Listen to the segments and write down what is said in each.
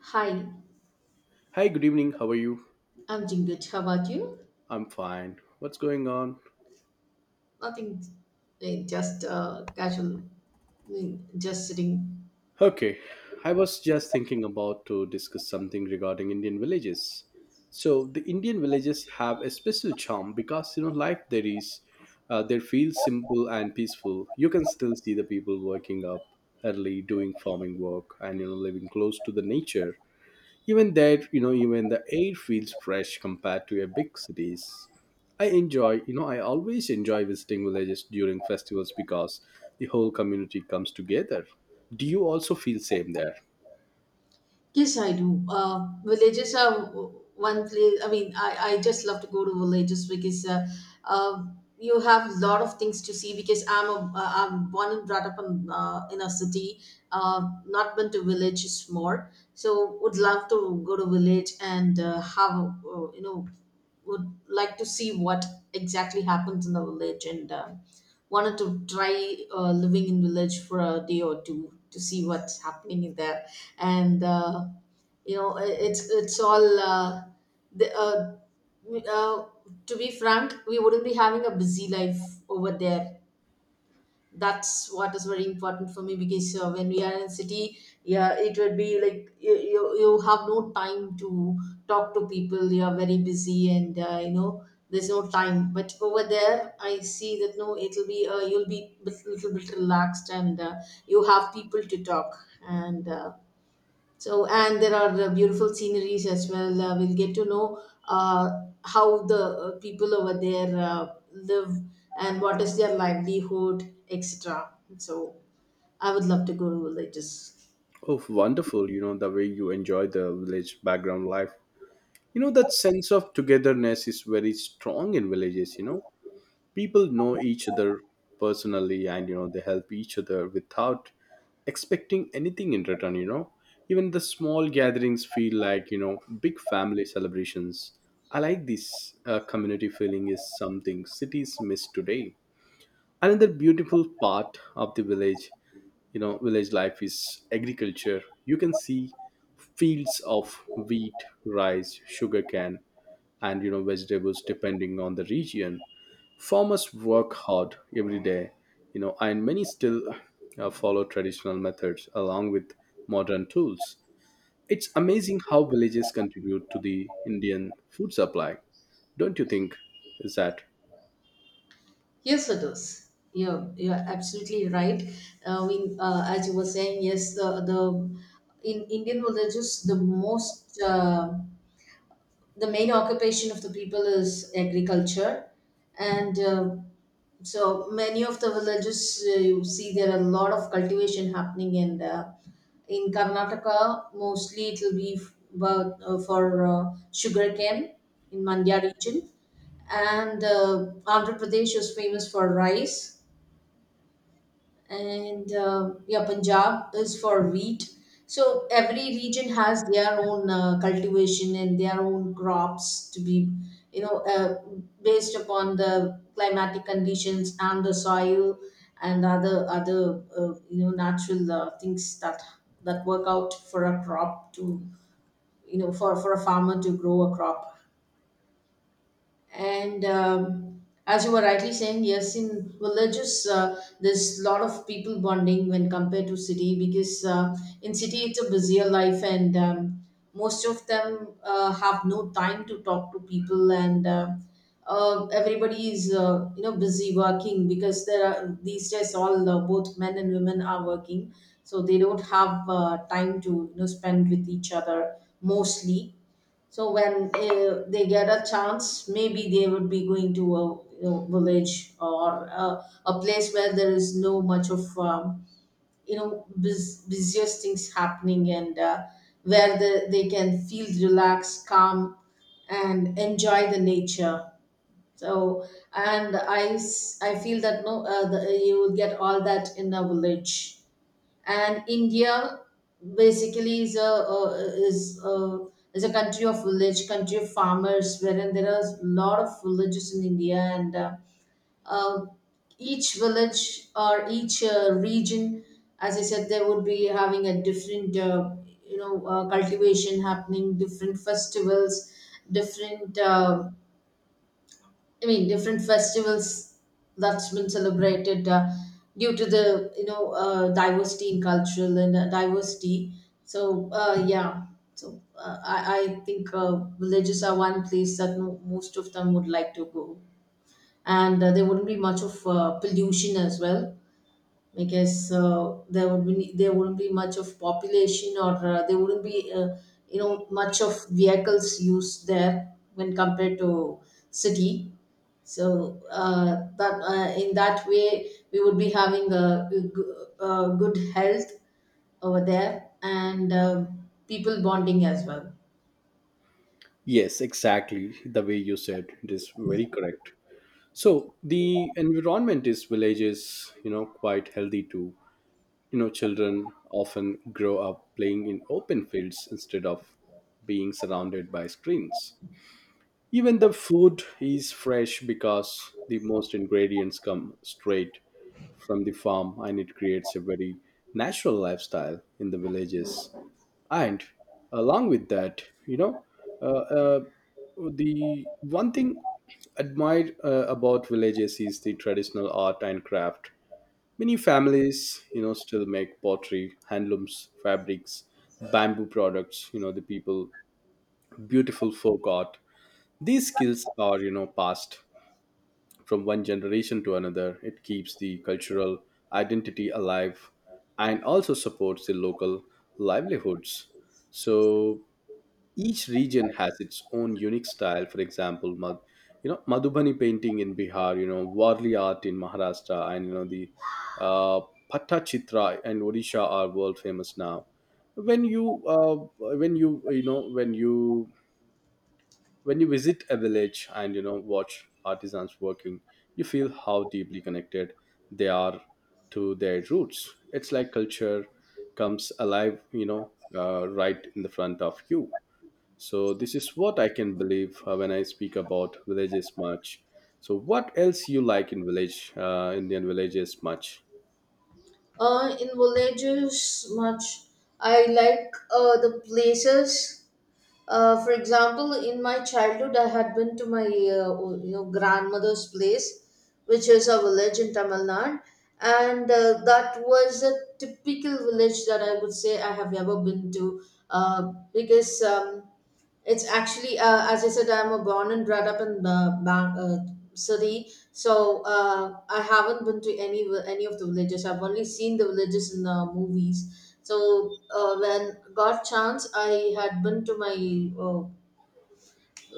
Hi, Hi, good evening. How are you? I'm doing good. How about you? I'm fine. What's going on? Nothing, just casual, just sitting. Okay, I was just thinking about to discuss something regarding Indian villages. So the Indian villages have a special charm because life there is, they feel simple and peaceful. You can still see the people waking up early, doing farming work, and living close to the nature. Even that, even the air feels fresh compared to a big cities. I always enjoy visiting villages during festivals because the whole community comes together. Do you also feel same there? Yes, I do. Villages are one place. I mean, I just love to go to villages because uh, you have a lot of things to see. Because I'm born and brought up in a city, not been to villages more. So would love to go to village and have would like to see what exactly happens in the village and wanted to try living in village for a day or two to see what's happening in there and. It's all the, uh, we- uh, to be frank, we wouldn't be having a busy life over there. That's what is very important for me because when we are in city, yeah, it would be like you have no time to talk to people. You are very busy and there's no time. But over there I see that no, it'll be you'll be a little bit relaxed, and you have people to talk and so, and there are beautiful sceneries as well. We'll get to know how the people over there live, and what is their livelihood, etc. So, I would love to go to villages. Oh, wonderful, the way you enjoy the village background life. That sense of togetherness is very strong in villages. People know each other personally, and they help each other without expecting anything in return. Even the small gatherings feel like big family celebrations. I like this community feeling is something cities miss today. Another beautiful part of the village, village life is agriculture. You can see fields of wheat, rice, sugarcane, and vegetables depending on the region. Farmers work hard every day, and many still follow traditional methods along with modern tools. It's amazing how villages contribute to the Indian food supply. Don't you think is that? Yes, it is. You're absolutely right. We, as you were saying, yes, the in Indian villages, the most. The main occupation of the people is agriculture, and so many of the villages, you see there are a lot of cultivation happening, and in Karnataka mostly it will be about, for sugarcane in Mandya region, and Andhra Pradesh is famous for rice, and yeah, Punjab is for wheat. So every region has their own cultivation and their own crops to be, you know, based upon the climatic conditions and the soil, and other you know, natural things that work out for a crop to, you know, for a farmer to grow a crop. And as you were rightly saying, yes, in villages there's a lot of people bonding when compared to city because in city it's a busier life, and most of them have no time to talk to people, and everybody is, you know, busy working because there are, these days, all both men and women are working, so they don't have time to, you know, spend with each other mostly. So when they get a chance, maybe they would be going to a, you know, village, or a place where there is no much of you know, busiest things happening, and where the, they can feel relaxed, calm, and enjoy the nature. So, and I, I feel that no, the, you will get all that in a village. And India basically is a, is a, is a country of village, country of farmers, wherein there are a lot of villages in India, and uh, each village or each region, as I said, there would be having a different, you know, cultivation happening, different festivals, different. um different festivals that's been celebrated due to the, you know, diversity in cultural and diversity. So yeah, so I think villages are one place that most of them would like to go, and there wouldn't be much of pollution as well. I guess there would be, there wouldn't be much of population, or there wouldn't be you know, much of vehicles used there when compared to city. So that, in that way, we would be having a, a good health over there, and people bonding as well. Yes, exactly. The way you said it is very correct. So the environment is villages, quite healthy too. Children often grow up playing in open fields instead of being surrounded by screens. Even the food is fresh because the most ingredients come straight from the farm, and it creates a very natural lifestyle in the villages. And along with that, uh, uh, the one thing admired about villages is the traditional art and craft. Many families, still make pottery, handlooms, fabrics, bamboo products, the people, beautiful folk art. These skills are, passed from one generation to another. It keeps the cultural identity alive and also supports the local livelihoods. So each region has its own unique style. For example, Madhubani painting in Bihar, Warli art in Maharashtra, and you know the uh, Pattachitra and Odisha are world famous now. When you uh, when you you know when you When you visit a village and watch artisans working, you feel how deeply connected they are to their roots. It's like culture comes alive, right in the front of you. So this is what I can believe when I speak about villages much. So what else you like in village, Indian villages much? In villages, much I like the places. For example, in my childhood, I had been to my, you know, grandmother's place, which is a village in Tamil Nadu, and that was a typical village that I would say I have ever been to, because. It's actually, as I said, I'm a born and brought up in the city, so I haven't been to any any of the villages. I've only seen the villages in the movies. So when got chance, I had been to my uh,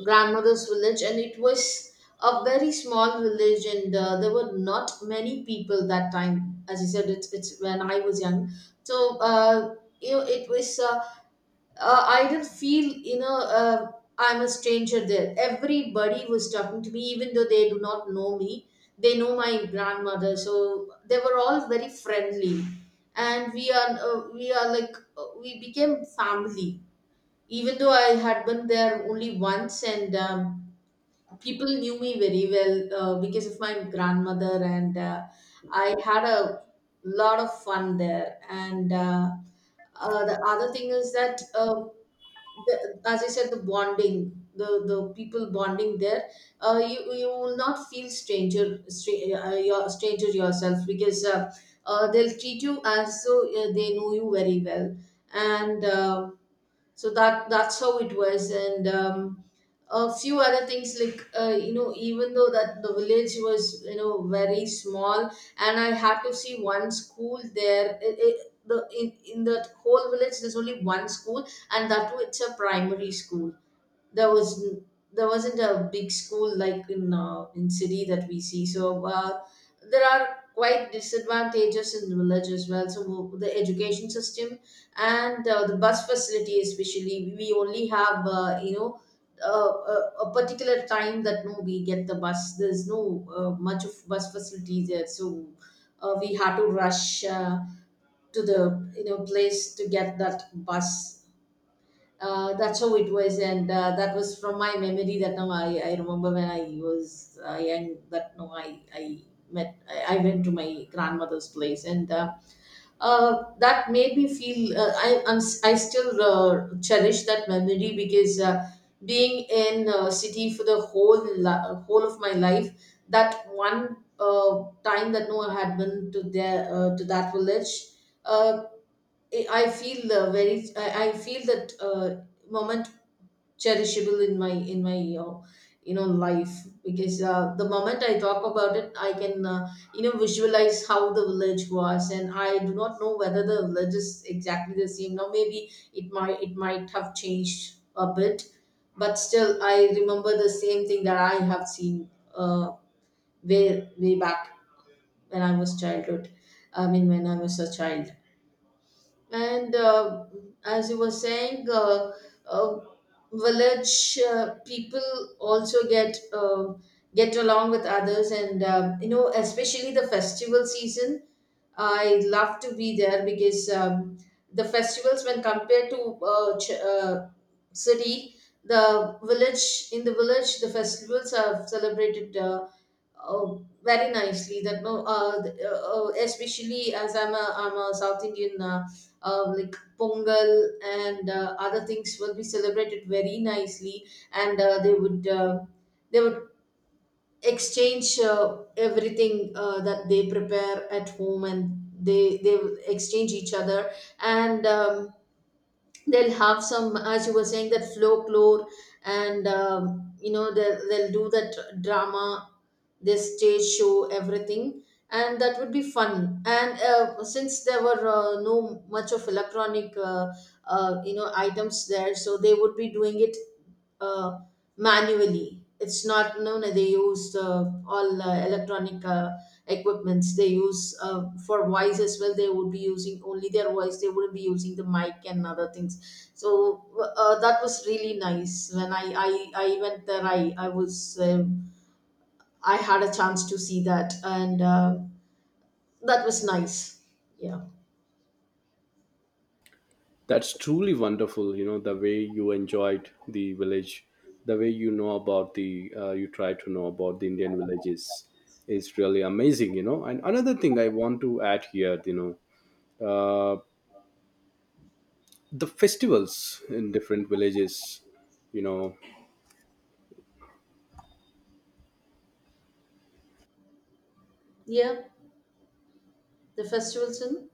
grandmother's village, and it was a very small village, and there were not many people that time. As I said, it's when I was young, so you know, it was. I didn't feel, you know, I'm a stranger there. Everybody was talking to me even though they do not know me. They know my grandmother, so they were all very friendly, and we are like we became family. Even though I had been there only once, and people knew me very well because of my grandmother, and I had a lot of fun there. And the other thing is that. The, as I said, the bonding, the people bonding there, you will not feel stranger, your stranger yourself because they'll treat you as though they know you very well, and so that's how it was. And a few other things like, you know, even though that the village was, you know, very small, and I had to see one school there. The in that whole village there's only one school, and that too it's a primary school. there was n- there wasn't a big school like in city that we see. So there are quite disadvantages in the village as well. So the education system and the bus facility, especially, we only have you know, a particular time that no we get the bus. There's no much of bus facility there. So we had to rush to the, you know, place to get that bus. That's how it was, and that was from my memory. That now I remember when I was young. That now I met I went to my grandmother's place, and that made me feel, I still cherish that memory because being in city for the whole whole of my life, that one time that Noah had been to their, to that village, uh, I feel very I feel that. Moment cherishable in my, life because the moment I talk about it, I can, you know, visualize how the village was. And I do not know whether the village is exactly the same now. Maybe it might have changed a bit, but still I remember the same thing that I have seen, uh, way way back when I was childhood, I mean when I was a child. And as you were saying, uh, village people also get along with others, and you know, especially the festival season. I love to be there because the festivals, when compared to city, the village, in the village, the festivals are celebrated. Uh, Very nicely that no, especially as I'm a South Indian, like Pongal and other things will be celebrated very nicely. And they would, they would exchange everything that they prepare at home, and they would exchange each other. And they'll have some, as you were saying, that folklore. And you know, they'll do that drama, this stage show, everything, and that would be fun. And since there were no much of electronic you know, items there, so they would be doing it uh, manually. It's not, no no, they used all electronic equipments they use for voice as well. They would be using only their voice. They wouldn't be using the mic and other things. So that was really nice. When I went there I had a chance to see that, and that was nice. Yeah. That's truly wonderful, the way you enjoyed the village, the way about the, you try to know about the Indian villages is really amazing, And another thing I want to add here, know, uh, the festivals in different villages, you know. Yeah, the festivals in,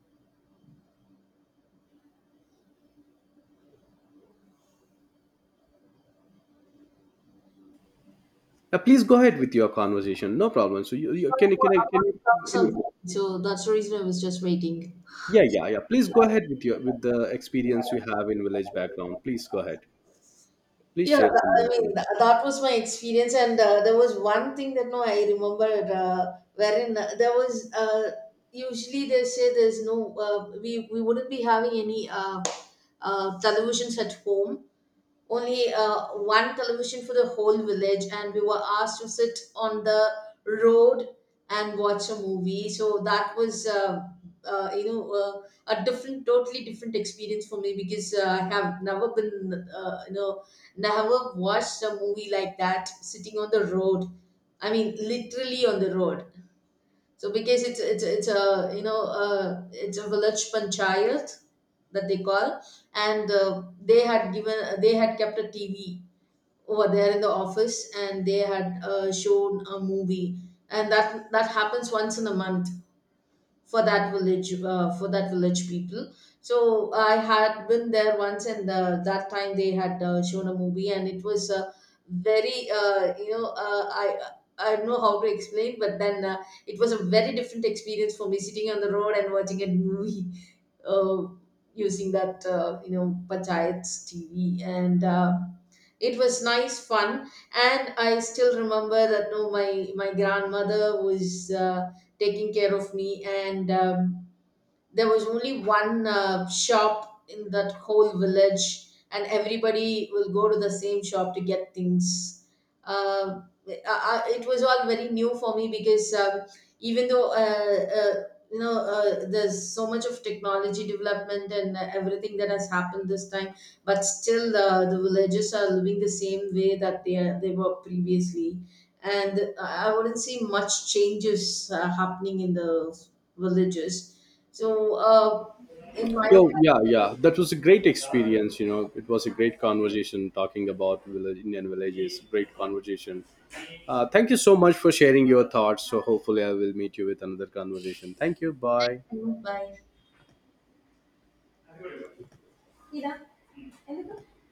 Please go ahead with your conversation, no problem. So you sorry, can I, I want to talk can you, something, so that's the reason I was just waiting. yeah, yeah, yeah. Please go ahead with your, with the experience you have in village background. Please go ahead. Please Yeah, share I something. mean, that was my experience. And there was one thing that no, I remember, wherein there was usually they say there's no, we wouldn't be having any televisions at home, only one television for the whole village, and we were asked to sit on the road and watch a movie. So that was you know, a different, totally different experience for me because I have never been, you know, never watched a movie like that sitting on the road. I mean literally on the road. So because it's a, you know, it's a village panchayat that they call. And they had kept a TV over there in the office, and they had shown a movie. And that happens once in a month for that village, for that village people. So I had been there once, and that time they had shown a movie, and it was, very, you know, I don't know how to explain, but then it was a very different experience for me sitting on the road and watching a movie, uh, using that, you know, panchayat's TV. And it was nice fun. And I still remember that no, my grandmother was taking care of me. And there was only one shop in that whole village, and everybody will go to the same shop to get things. uh, I, I, it was all very new for me because even though you know, there's so much of technology development, and everything that has happened this time, but still the villagers are living the same way that they were previously. And I wouldn't see much changes happening in the villages. So, in my Yo, yeah, yeah. That was a great experience. You know, it was a great conversation talking about village, Indian villages. Great conversation. Thank you so much for sharing your thoughts. So hopefully, I will meet you with another conversation. Thank you. Bye. opinion, by